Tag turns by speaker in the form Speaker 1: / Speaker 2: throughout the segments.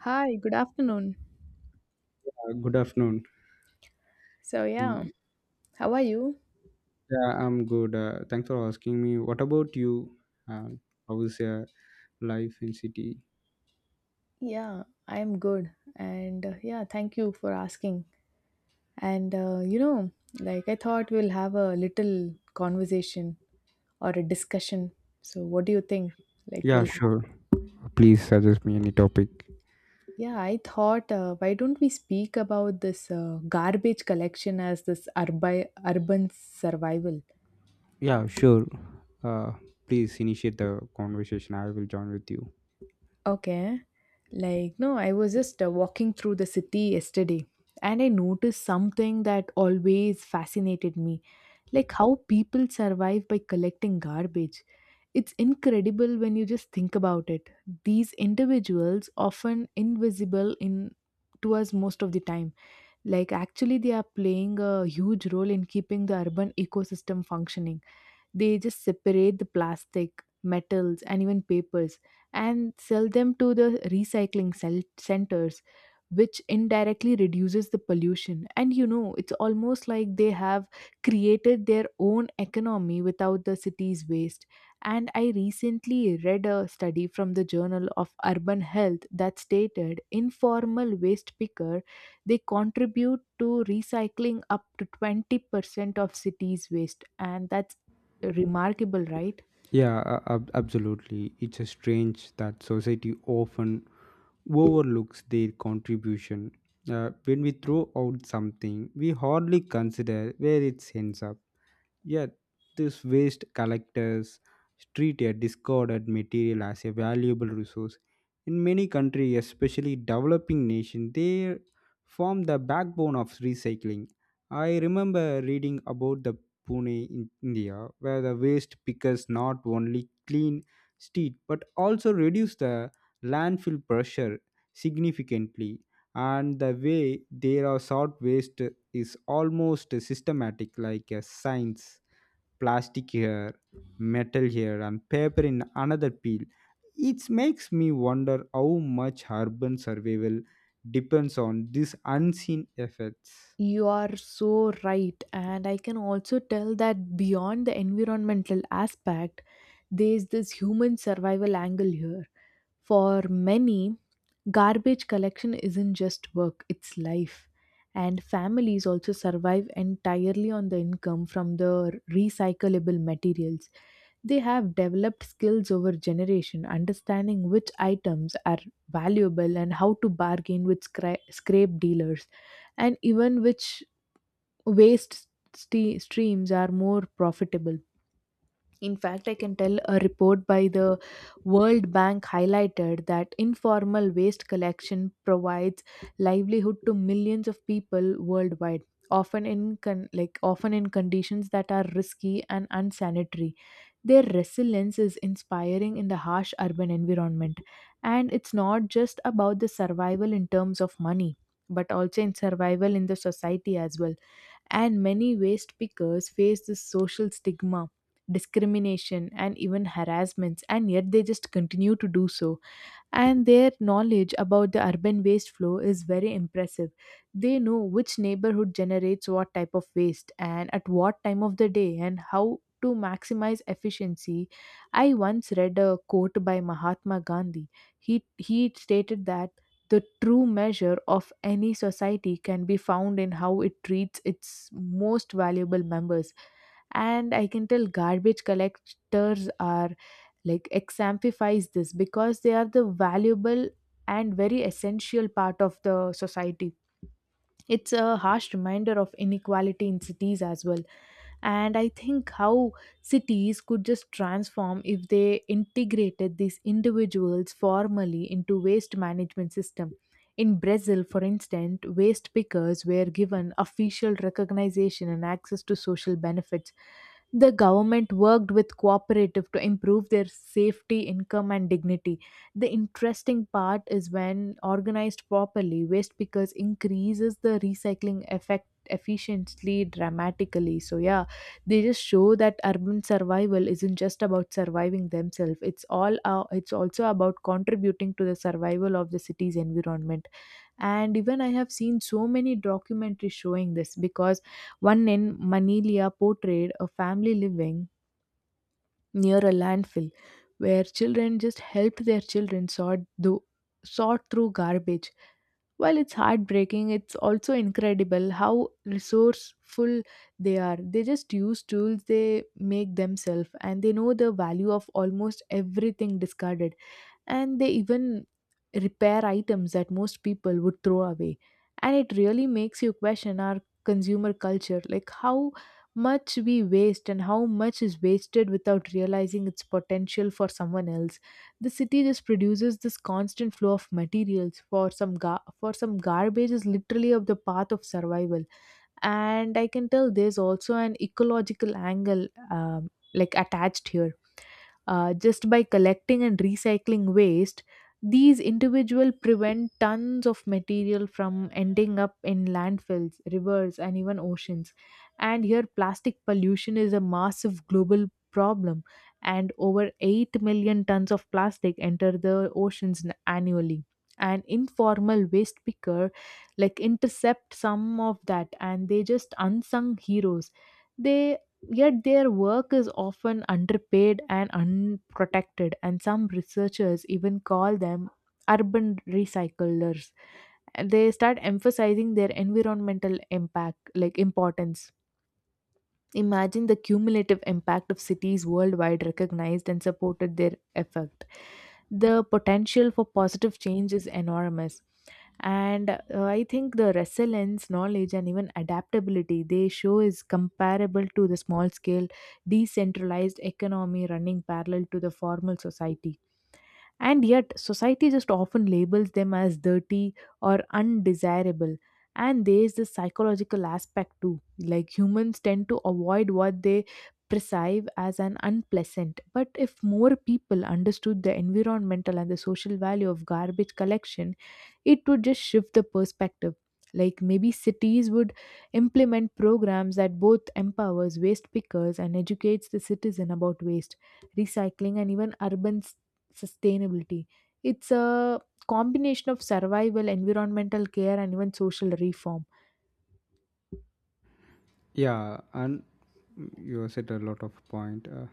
Speaker 1: Hi, good afternoon.
Speaker 2: Good afternoon.
Speaker 1: So, yeah,
Speaker 2: Mm,
Speaker 1: how are you?
Speaker 2: yeah, I'm good. Thanks for asking me. What about you? Uh, how is your life in city?
Speaker 1: Yeah, I am good. And yeah, thank you for asking. And uh, you know, like I thought we'll have a little conversation or a discussion. So, what do you think? Like,
Speaker 2: Yeah,
Speaker 1: we'll have,
Speaker 2: sure. Please suggest me any topic.
Speaker 1: yeah, I thought, why don't we speak about this garbage collection as this urbi urban survival,
Speaker 2: Yeah, sure. Uh, Please initiate the conversation. I will join with you.
Speaker 1: Okay. Like, no, I was just walking through the city yesterday and I noticed something that always fascinated me, like how people survive by collecting garbage. It's incredible when you just think about it. These individuals, often invisible in to us most of the time, like actually they are playing a huge role in keeping the urban ecosystem functioning. They just separate the plastic, metals, and even papers and sell them to the recycling centers, which indirectly reduces the pollution. And you know, it's almost like they have created their own economy without the city's waste. And I recently read a study from the Journal of Urban Health that stated informal waste picker, they contribute to recycling up to 20% of cities waste, and that's remarkable, right?
Speaker 2: Yeah, absolutely. It's a strange that society often overlooks their contribution. When we throw out something, we hardly consider where it ends up. Yet, these waste collectors treat a discarded material as a valuable resource. In many countries, especially developing nations, they form the backbone of recycling. I remember reading about the Pune in India, where the waste pickers not only clean street but also reduce the landfill pressure significantly. And the way they are sort waste is almost systematic like a science, plastic here, metal here, and paper in another peel. It makes me wonder how much urban survival depends on these unseen effects.
Speaker 1: You are so right. And I can also tell that beyond the environmental aspect, there's this human survival angle here. For many, garbage collection isn't just work, it's life. And families also survive entirely on the income from the recyclable materials. They have developed skills over generation, understanding which items are valuable and how to bargain with scrape dealers, and even which waste streams are more profitable. In fact, I can tell a report by the World Bank highlighted that informal waste collection provides livelihood to millions of people worldwide, often in often in conditions that are risky and unsanitary. Their resilience is inspiring in the harsh urban environment, and it's not just about the survival in terms of money, but also in survival in the society as well. And many waste pickers face this social stigma, discrimination, and even harassments, and yet they just continue to do so. And their knowledge about the urban waste flow is very impressive. They know which neighborhood generates what type of waste and at what time of the day and how to maximize efficiency. I once read a quote by Mahatma Gandhi. He stated that the true measure of any society can be found in how it treats its most valuable members. And I can tell garbage collectors are like exemplifies this because they are the valuable and very essential part of the society. It's a harsh reminder of inequality in cities as well. And I think how cities could just transform if they integrated these individuals formally into waste management system. In Brazil, for instance, waste pickers were given official recognition and access to social benefits. The government worked with cooperative to improve their safety, income, and dignity. The interesting part is when organized properly, waste pickers increases the recycling effect efficiently dramatically. So yeah, they just show that urban survival isn't just about surviving themselves, it's also about contributing to the survival of the city's environment. And even I have seen so many documentaries showing this because one in Manilia portrayed a family living near a landfill where children just helped their children sort through garbage. While it's heartbreaking, it's also incredible how resourceful they are. They just use tools they make themselves, and they know the value of almost everything discarded, and they even repair items that most people would throw away. And it really makes you question our consumer culture, like how much we waste and how much is wasted without realizing its potential for someone else. The city just produces this constant flow of materials. For some, garbage is literally of the path of survival. And I can tell there's also an ecological angle like attached here. Just by collecting and recycling waste, these individuals prevent tons of material from ending up in landfills, rivers, and even oceans. And here, plastic pollution is a massive global problem, and over 8 million tons of plastic enter the oceans annually. An informal waste picker like intercept some of that, and they just unsung heroes. They— yet their work is often underpaid and unprotected, and some researchers even call them urban recyclers. They start emphasizing their environmental impact, like importance. Imagine the cumulative impact of cities worldwide recognized and supported their effort, the potential for positive change is enormous. And I think the resilience, knowledge, and even adaptability they show is comparable to the small scale decentralized economy running parallel to the formal society. And yet, society just often labels them as dirty or undesirable. And there is this psychological aspect too. Like humans tend to avoid what they perceive as an unpleasant. But if more people understood the environmental and the social value of garbage collection, it would just shift the perspective. Like maybe cities would implement programs that both empowers waste pickers and educates the citizen about waste, recycling, and even urban sustainability. It's a combination of survival, environmental care, and even social reform.
Speaker 2: Yeah, and you said a lot of point,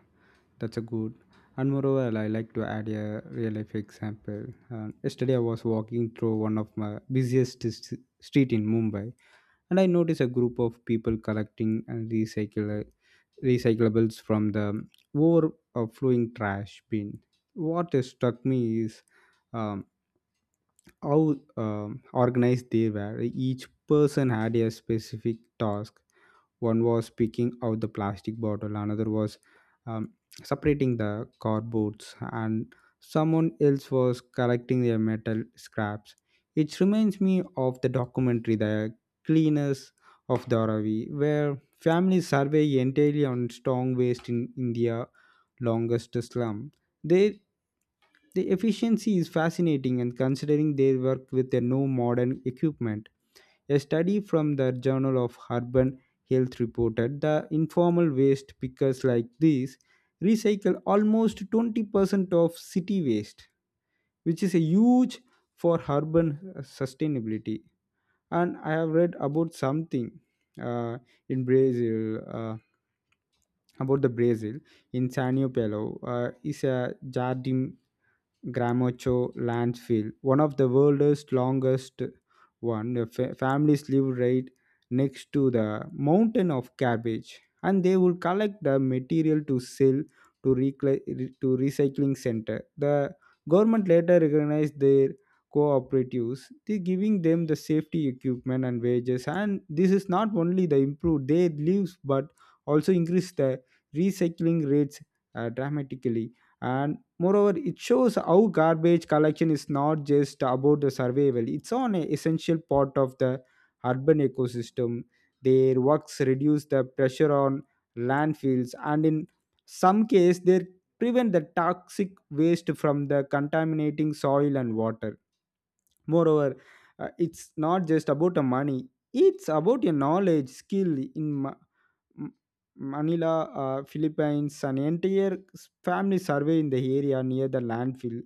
Speaker 2: that's a good. And moreover, I like to add a real life example. Yesterday I was walking through one of my street in Mumbai, and I noticed a group of people collecting and recycle recyclables from the overflowing trash bin. What struck me is um, how organized they were. Each person had a specific task. One was picking out the plastic bottle, another was um, separating the cardboards, and someone else was collecting their metal scraps. It reminds me of the documentary, The Cleaners of Dharavi, where families survey entirely on strong waste in India longest slum. They the efficiency is fascinating, and considering they work with a no modern equipment. A study from the Journal of Urban Health reported the informal waste pickers like these recycle almost 20% of city waste, which is a huge for urban sustainability. And I have read about something uh, in Brazil about the Brazil, in Sanio Pelo, is a jardim Gramacho landfill, one of the world's longest one. The families live right next to the mountain of cabbage, and they will collect the material to sell to recycling center. The government later recognized their cooperatives, they giving them the safety equipment and wages. And this is not only the improve their lives, but also increase the recycling rates dramatically. And moreover, it shows how garbage collection is not just about the survival, it's on an essential part of the urban ecosystem. Their works reduce the pressure on landfills, and in some cases they prevent the toxic waste from the contaminating soil and water. Moreover, it's not just about the money, it's about your knowledge, skill in M- Manila, Philippines, an entire family survey in the area near the landfill,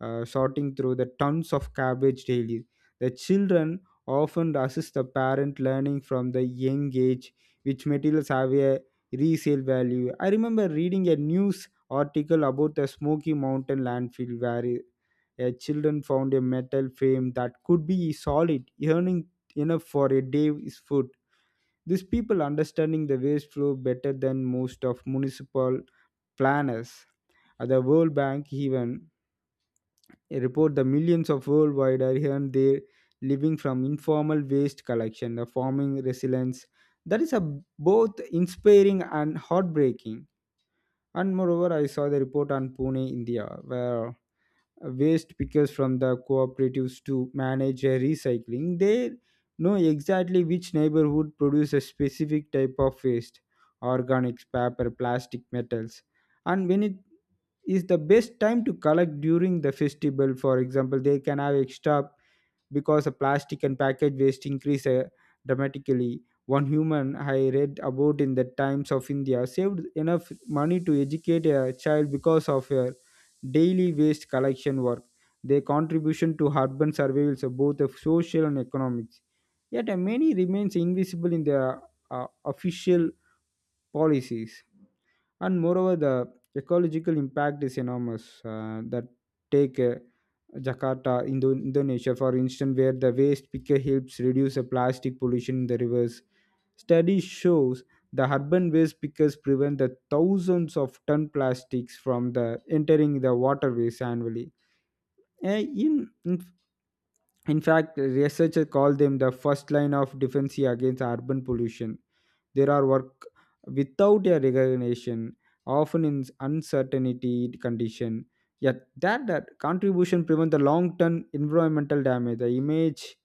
Speaker 2: sorting through the tons of garbage daily. The children often assist the parent, learning from the young age which materials have a resale value. I remember reading a news article about the Smoky Mountain landfill where a children found a metal frame that could be solid, earning enough for a day's food. These people understanding the waste flow better than most of municipal planners. At the World Bank even, they report the millions of worldwide are earn their living from informal waste collection, the farming resilience. That is a both inspiring and heartbreaking. And moreover, I saw the report on Pune, India, where waste pickers from the cooperatives to manage recycling. They know exactly which neighborhood produce a specific type of waste: organics, paper, plastic, metals. And when it is the best time to collect during the festival, for example, they can have extra because the plastic and package waste increase dramatically. One human I read about in the Times of India saved enough money to educate a child because of her daily waste collection work. Their contribution to urban surveillance of both of social and economics. Yet many remains invisible in the official policies. And moreover, the ecological impact is enormous. That take Jakarta, Indonesia, for instance, where the waste picker helps reduce the plastic pollution in the rivers. Study shows the urban waste pickers prevent the thousands of ton plastics from the entering the waterways annually. Uh, in, in in fact, researchers call them the first line of defense against urban pollution. There are work without a recognition, often in uncertainty condition, yet that contribution prevent the long-term environmental damage. the image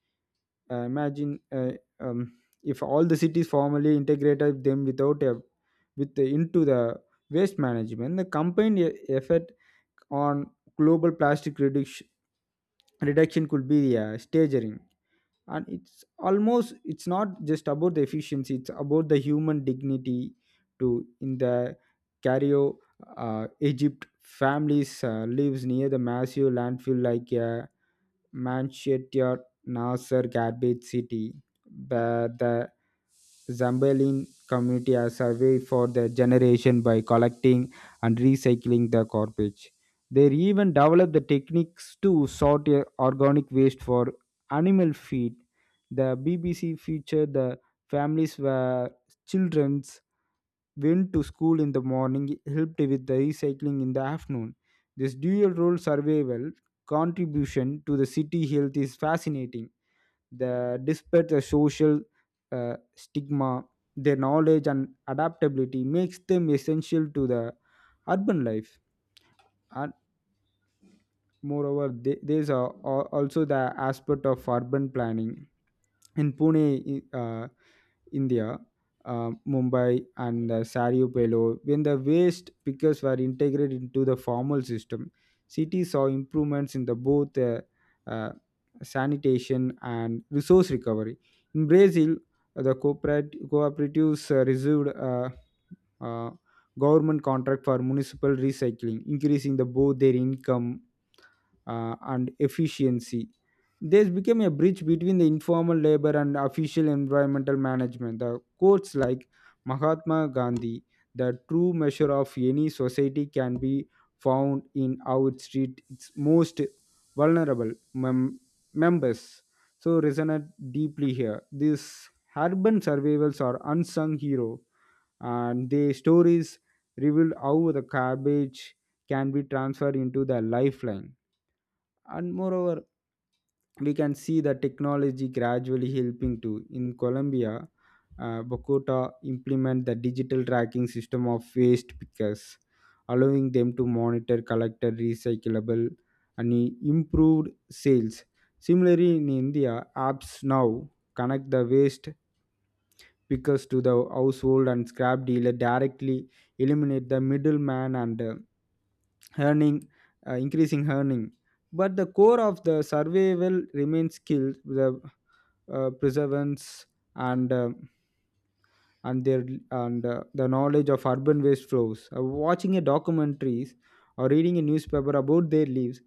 Speaker 2: uh, imagine uh, um, if all the cities formally integrated them without a with the, into the waste management, the combined effort on global plastic reduction could be staggering. And it's almost, it's not just about the efficiency, it's about the human dignity to in the Cairo, Egypt, families lives near the massive landfill like a Manchester Nasser Garbage City, but the Zambian community has survived for their generation by collecting and recycling the garbage. They even developed the techniques to sort organic waste for animal feed. The BBC featured the families where children went to school in the morning, helped with the recycling in the afternoon. This dual role survival contribution to the city health is fascinating. The despite the social stigma, their knowledge and adaptability makes them essential to the urban life. Moreover, there's also the aspect of urban planning. In Pune, India, Mumbai, and Sariupello, when the waste pickers were integrated into the formal system, cities saw improvements in the both uh, sanitation and resource recovery. In Brazil, the cooperatives received uh, government contract for municipal recycling, increasing the both their income and efficiency. This became a bridge between the informal labor and official environmental management. The quotes like Mahatma Gandhi: the true measure of any society can be found in how it treats its most vulnerable members. So resonate deeply here. These urban survivals are unsung hero, and their stories reveal how the garbage can be transferred into the lifeline. And moreover, we can see the technology gradually helping to, in Colombia, Bogota implement the digital tracking system of waste pickers, allowing them to monitor collected recyclable and improved sales. Similarly, in India, apps now connect the waste speakers to the household and scrap dealer directly, eliminate the middleman and earning increasing earning. But the core of the survival remains skills, the preservance, and uh, and their and the knowledge of urban waste flows. Watching a documentaries or reading a newspaper about their lives,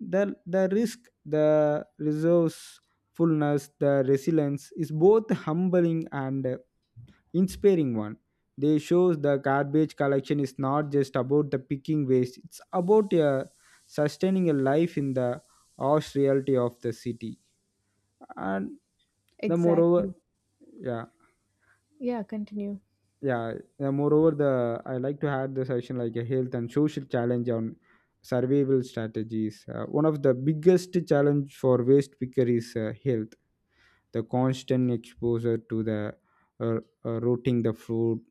Speaker 2: the the risk, the resourcefulness, the resilience is both humbling and inspiring one. They shows the garbage collection is not just about the picking waste; it's about sustaining a life in the harsh reality of the city. And the moreover,
Speaker 1: Exactly.
Speaker 2: yeah,
Speaker 1: Yeah, continue.
Speaker 2: yeah. The moreover, the I like to add the session like a health and social challenge on survival strategies. One of the biggest challenge for waste picker is health, the constant exposure to the uh, rotting the fruit,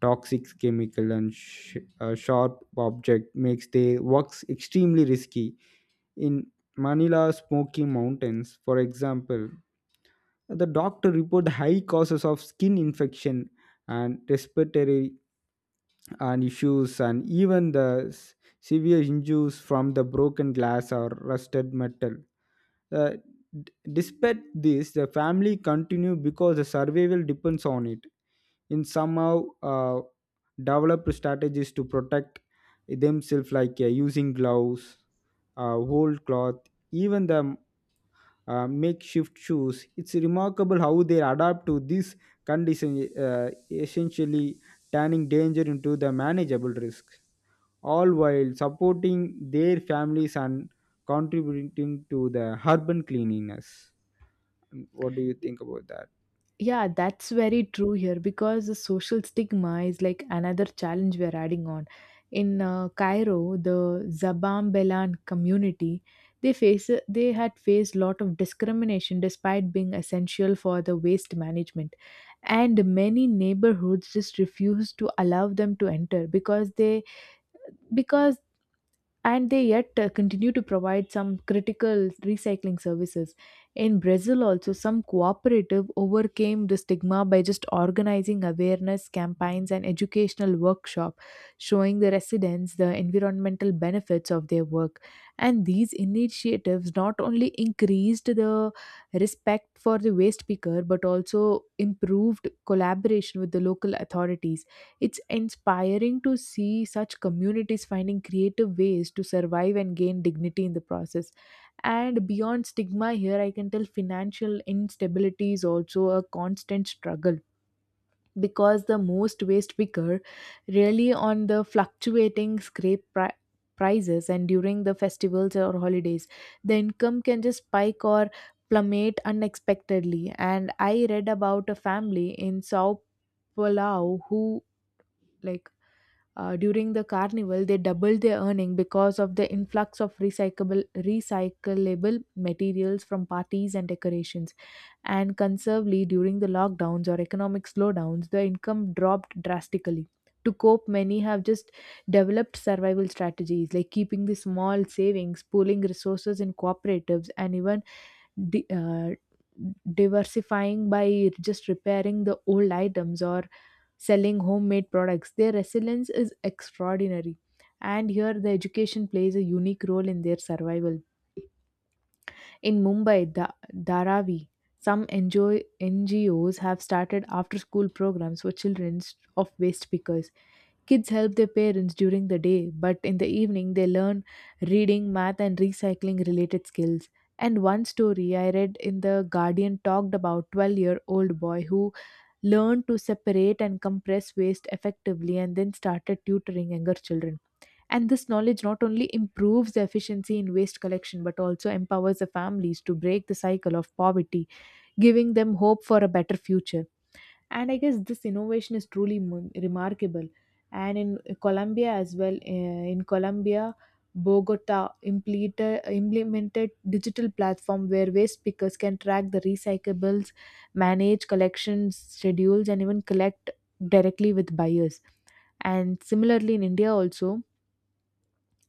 Speaker 2: toxic chemical and sharp object makes their works extremely risky. In Manila's smoky mountains, for example, the doctor report high causes of skin infection and respiratory and issues, and even the severe injuries from the broken glass or rusted metal. uh, Despite this, the family continue because the survival depends on it. In somehow develop strategies to protect themselves, like using gloves, whole cloth, even the makeshift shoes. It's remarkable how they adapt to this condition, essentially turning danger into the manageable risk, all while supporting their families and contributing to the urban cleanliness. What do you think about that?
Speaker 1: Yeah, that's very true here because the social stigma is like another challenge we're adding on. In Cairo, the Zabam Belan community, they had faced lot of discrimination despite being essential for the waste management, and many neighborhoods just refused to allow them to enter because they because and they yet continue to provide some critical recycling services. In Brazil also, some cooperative overcame the stigma by just organizing awareness campaigns and educational workshop, showing the residents the environmental benefits of their work. And these initiatives not only increased the respect for the waste picker but also improved collaboration with the local authorities. It's inspiring to see such communities finding creative ways to survive and gain dignity in the process. And beyond stigma, here I can tell financial instability is also a constant struggle because the most waste picker really on the fluctuating prices, and during the festivals or holidays the income can just spike or plummet unexpectedly. And I read about a family in Sao Palau who, like during the carnival, they doubled their earning because of the influx of recyclable materials from parties and decorations. And conservatively, during the lockdowns or economic slowdowns, the income dropped drastically. To cope, many have just developed survival strategies like keeping the small savings, pooling resources in cooperatives, and even di- uh, diversifying by just repairing the old items or selling homemade products. Their resilience is extraordinary, and here the education plays a unique role in their survival. In Mumbai, the Dharavi, some NGOs have started after school programs for children of waste pickers. Kids help their parents during the day, but in the evening they learn reading, math, and recycling related skills. And one story I read in The Guardian talked about 12-year-old boy who learned to separate and compress waste effectively and then started tutoring younger children. And this knowledge not only improves the efficiency in waste collection but also empowers the families to break the cycle of poverty, giving them hope for a better future. And I guess this innovation is truly remarkable. And in Colombia as well, in Colombia Bogota implemented digital platform where waste pickers can track the recyclables, manage collections schedules, and even collect directly with buyers. And similarly in India also,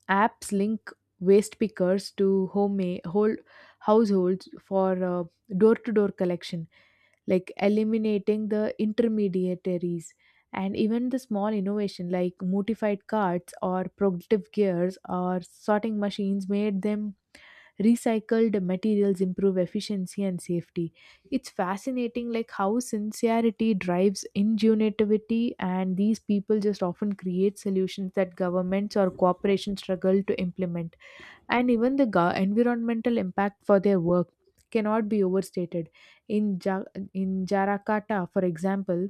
Speaker 1: apps link waste pickers to home whole households for door to door collection, like eliminating the intermediaries. And even the small innovation like modified carts or productive gears or sorting machines made them recycled materials improve efficiency and safety. It's fascinating like how sincerity drives ingenuity, and these people just often create solutions that governments or corporations struggle to implement. And even the environmental impact for their work cannot be overstated. In, ja- in Jarakata, for example,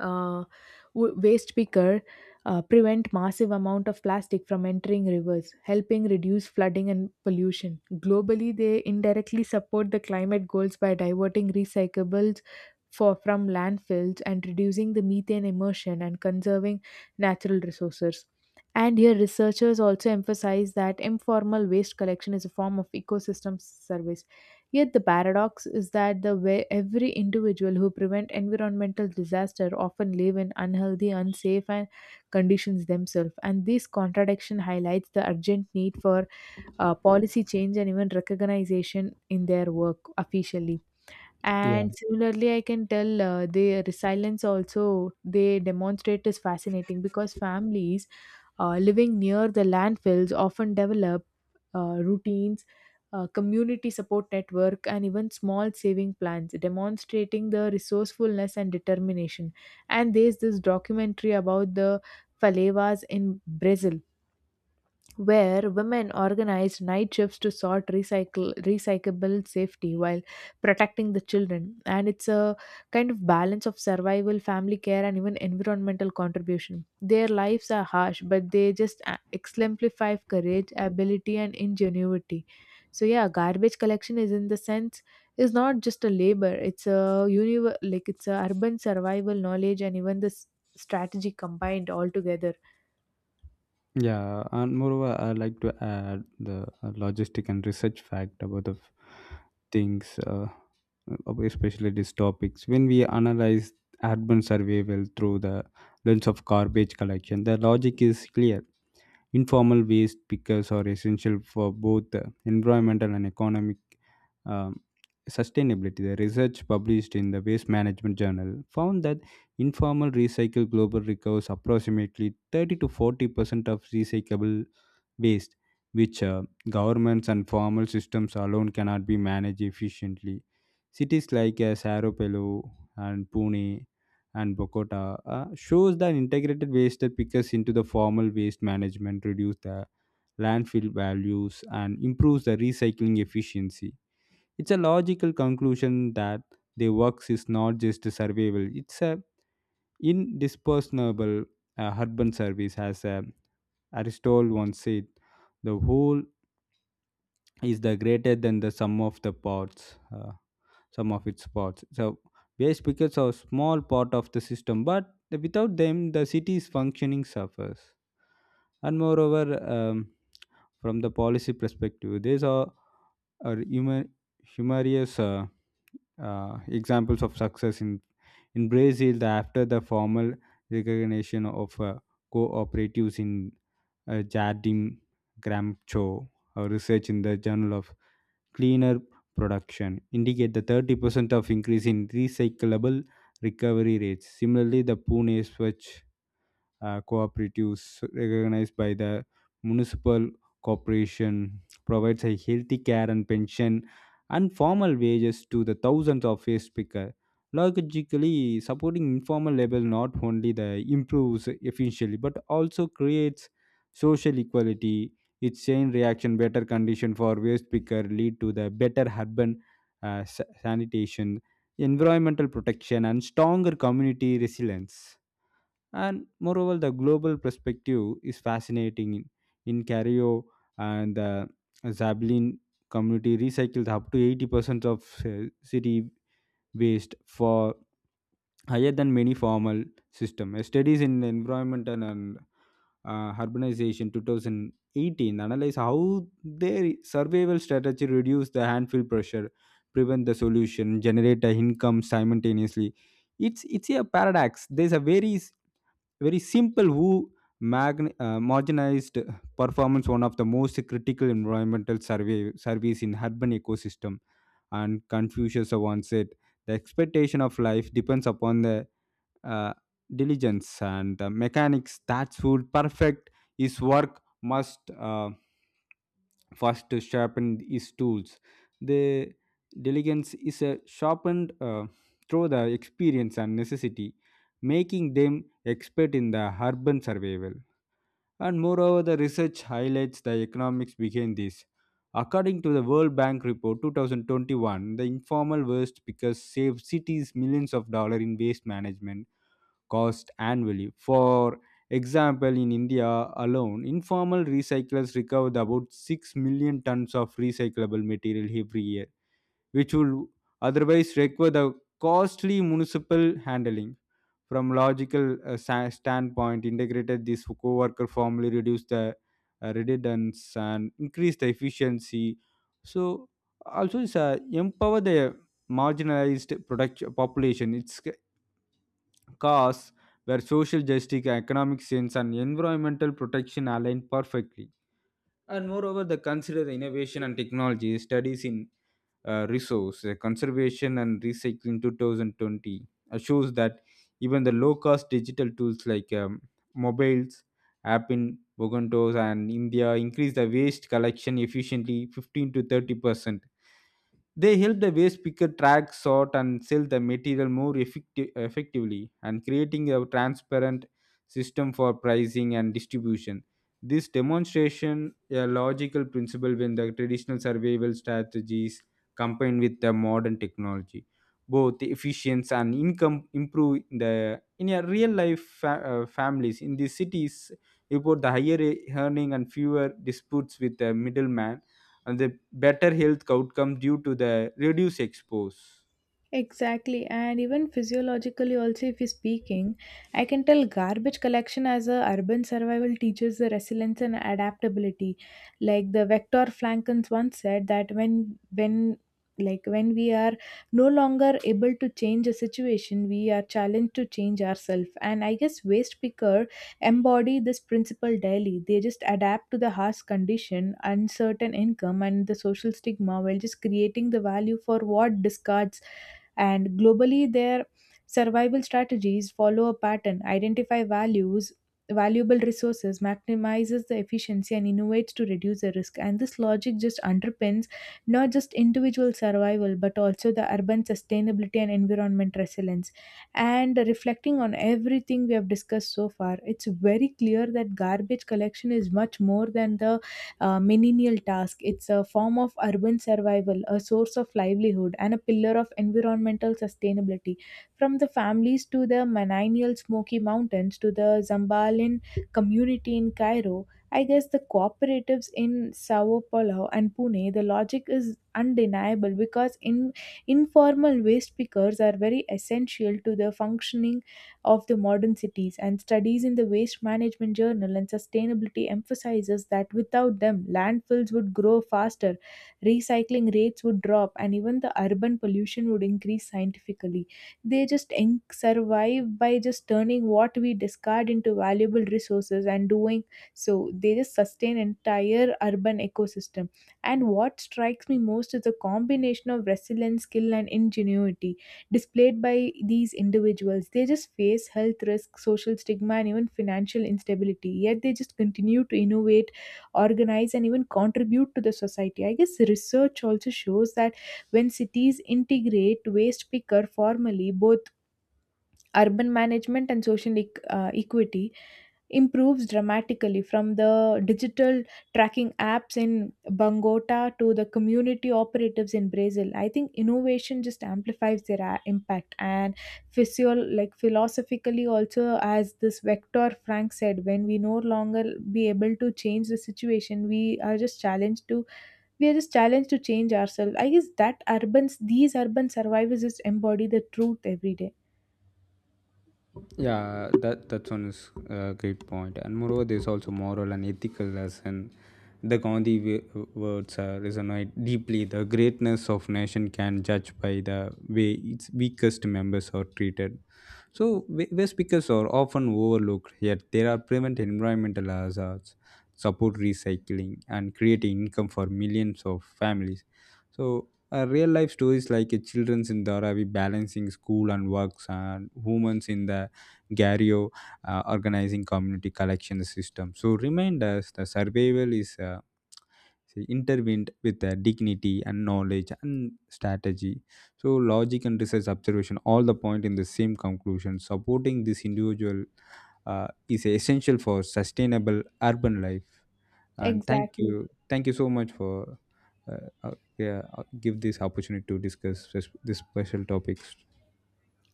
Speaker 1: uh, waste picker prevent massive amount of plastic from entering rivers, helping reduce flooding and pollution. Globally, they indirectly support the climate goals by diverting recyclables for from landfills and reducing the methane emission and conserving natural resources. And here researchers also emphasize that informal waste collection is a form of ecosystem service. Yet the paradox is that the way every individual who prevent environmental disaster often live in unhealthy, unsafe and conditions themselves. And this contradiction highlights the urgent need for policy change and even recognition in their work officially.
Speaker 2: Yeah,
Speaker 1: And similarly, I can tell the resilience also they demonstrate is fascinating because families living near the landfills often develop routines, community support network, and even small saving plans, demonstrating the resourcefulness and determination. And there's this documentary about the Falevas in Brazil where women organized night shifts to sort recycle recyclable safety while protecting the children. And it's a kind of balance of survival, family care, and even environmental contribution. Their lives are harsh, but they just exemplify courage, ability, and ingenuity. So yeah, garbage collection is in the sense is not just a labor, it's a it's a urban survival knowledge, and even this strategy combined all together.
Speaker 2: yeah, and moreover, I like to add the logistic and research fact about the things, especially these topics. When we analyze urban survival through the lens of garbage collection, the logic is clear. Informal waste pickers are essential for both environmental and economic um, sustainability. The research published in the Waste Management Journal found that informal recycle global recovers approximately 30 to 40% of recyclable waste, which governments and formal systems alone cannot be managed efficiently. Cities like Saropelo and Pune and Bogota shows that integrated waste that pickers into the formal waste management reduce the landfill values and improves the recycling efficiency. It's a logical conclusion that their works is not just survival; it's a indispensable urban service, as Aristotle once said. The whole is the greater than the sum of the parts sum of its parts. So waste pickets are small part of the system, but without them the city's functioning suffers. And moreover, um, from the policy perspective, these are humor, humorous examples of success in brazil, after the formal recognition of cooperatives in jardim gramcho, a research in the Journal of Cleaner Production indicate the 30% of increase in recyclable recovery rates. Similarly, the Pune Swachh cooperatives recognized by the municipal corporation provides a healthy care and pension and formal wages to the thousands of waste picker. Logically, supporting informal labor not only the improves efficiency but also creates social equality. Its chain reaction, better condition for waste picker lead to the better urban sanitation, environmental protection, and stronger community resilience. And moreover, the global perspective is fascinating. In Cario and the Zablin community recycles up to 80% of city waste, for higher than many formal system. Studies in the environment and urbanization 2018 analyze how their survival strategy reduce the landfill pressure, prevent the solution, generate the income simultaneously. It's a paradox. There's a very simple who marginalized performance one of the most critical environmental surveys in urban ecosystem. And Confucius once said, the expectation of life depends upon the uh, diligence, and the mechanics that would perfect his work must first to sharpen his tools. The diligence is sharpened through the experience and necessity, making them expert in the urban survival. And moreover, the research highlights the economics behind this. According to the World Bank report 2021, the informal waste pickers save cities millions of dollars in waste management cost annually. For example, in India alone, informal recyclers recovered about 6 million tons of recyclable material every year, which would otherwise require the costly municipal handling. From logical standpoint, integrated this co-worker formally reduce the redundancy and increase the efficiency. So also it's empower the marginalized product population. Cause where social justice, economic sense, and environmental protection align perfectly. And moreover, the consider the innovation and technology studies in resource conservation and recycling 2020 shows that even the low cost digital tools like mobiles app in Bogontos and India increase the waste collection efficiently 15 to 30%. They help the waste picker track, sort, and sell the material effectively, and creating a transparent system for pricing and distribution. This demonstration a logical principle when the traditional survival strategies combined with the modern technology. Both efficiency and income improve in the in a real life families in these cities report the earning and fewer disputes with the middleman and the better health outcome due to the reduced expose.
Speaker 1: Exactly, and even physiologically, also, if you're speaking, I can tell garbage collection as a urban survival teaches the resilience and adaptability. Like the Vector Flankens once said that when we are no longer able to change a situation, we are challenged to change ourselves. And I guess waste picker embody this principle daily. They just adapt to the harsh condition, uncertain income, and the social stigma while just creating the value for what discards. And globally, their survival strategies follow a pattern, identify values, valuable resources, maximizes the efficiency, and innovates to reduce the risk. And this logic just underpins not just individual survival, but also the urban sustainability and environment resilience. And reflecting on everything we have discussed so far, it's very clear that garbage collection is much more than the menial task. It's a form of urban survival, a source of livelihood, and a pillar of environmental sustainability. From the families to the Mananial Smoky Mountains to the Zambalin community in Cairo, I guess the cooperatives in Sao Paulo and Pune, the logic is undeniable because in informal waste pickers are very essential to the functioning of the modern cities, and studies in the Waste Management Journal and Sustainability emphasizes that without them, landfills would grow faster, recycling rates would drop, and even the urban pollution would increase scientifically. They just survive by just turning what we discard into valuable resources, and doing so they just sustain entire urban ecosystem. And what strikes me most is the combination of resilience, skill, and ingenuity displayed by these individuals. They just face health risks, social stigma, and even financial instability. Yet they just continue to innovate, organize, and even contribute to the society. I guess research also shows that when cities integrate waste picker formally, both urban management and social equity improves dramatically, from the digital tracking apps in Bangota to the community operatives in Brazil. I think innovation just amplifies their impact. And philosophically also, as this Vector Frank said, when we no longer be able to change the situation, we are just challenged to change ourselves. I guess that urban these urban survivors just embody the truth every day.
Speaker 2: Yeah, that's one is a great point. And moreover, there's also moral and ethical lesson. The Gandhi words resonate deeply. The greatness of nation can judge by the way its weakest members are treated. So waste pickers are often overlooked, yet there are prevent environmental hazards, support recycling, and create income for millions of families. So real life stories like children in Dharavi balancing school and works, and women in the Gario organizing community collection system. So remind us the survival is. Say, intervened with dignity and knowledge and strategy. So logic and research observation all the point in the same conclusion. Supporting this individual is essential for sustainable urban life. And
Speaker 1: Exactly.
Speaker 2: thank you so much for uh, yeah, give this opportunity to discuss this special topics.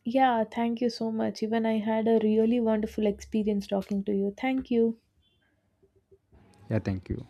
Speaker 1: Yeah, thank you so much. Even I had a really wonderful experience talking to you. Thank you.
Speaker 2: Yeah, thank you.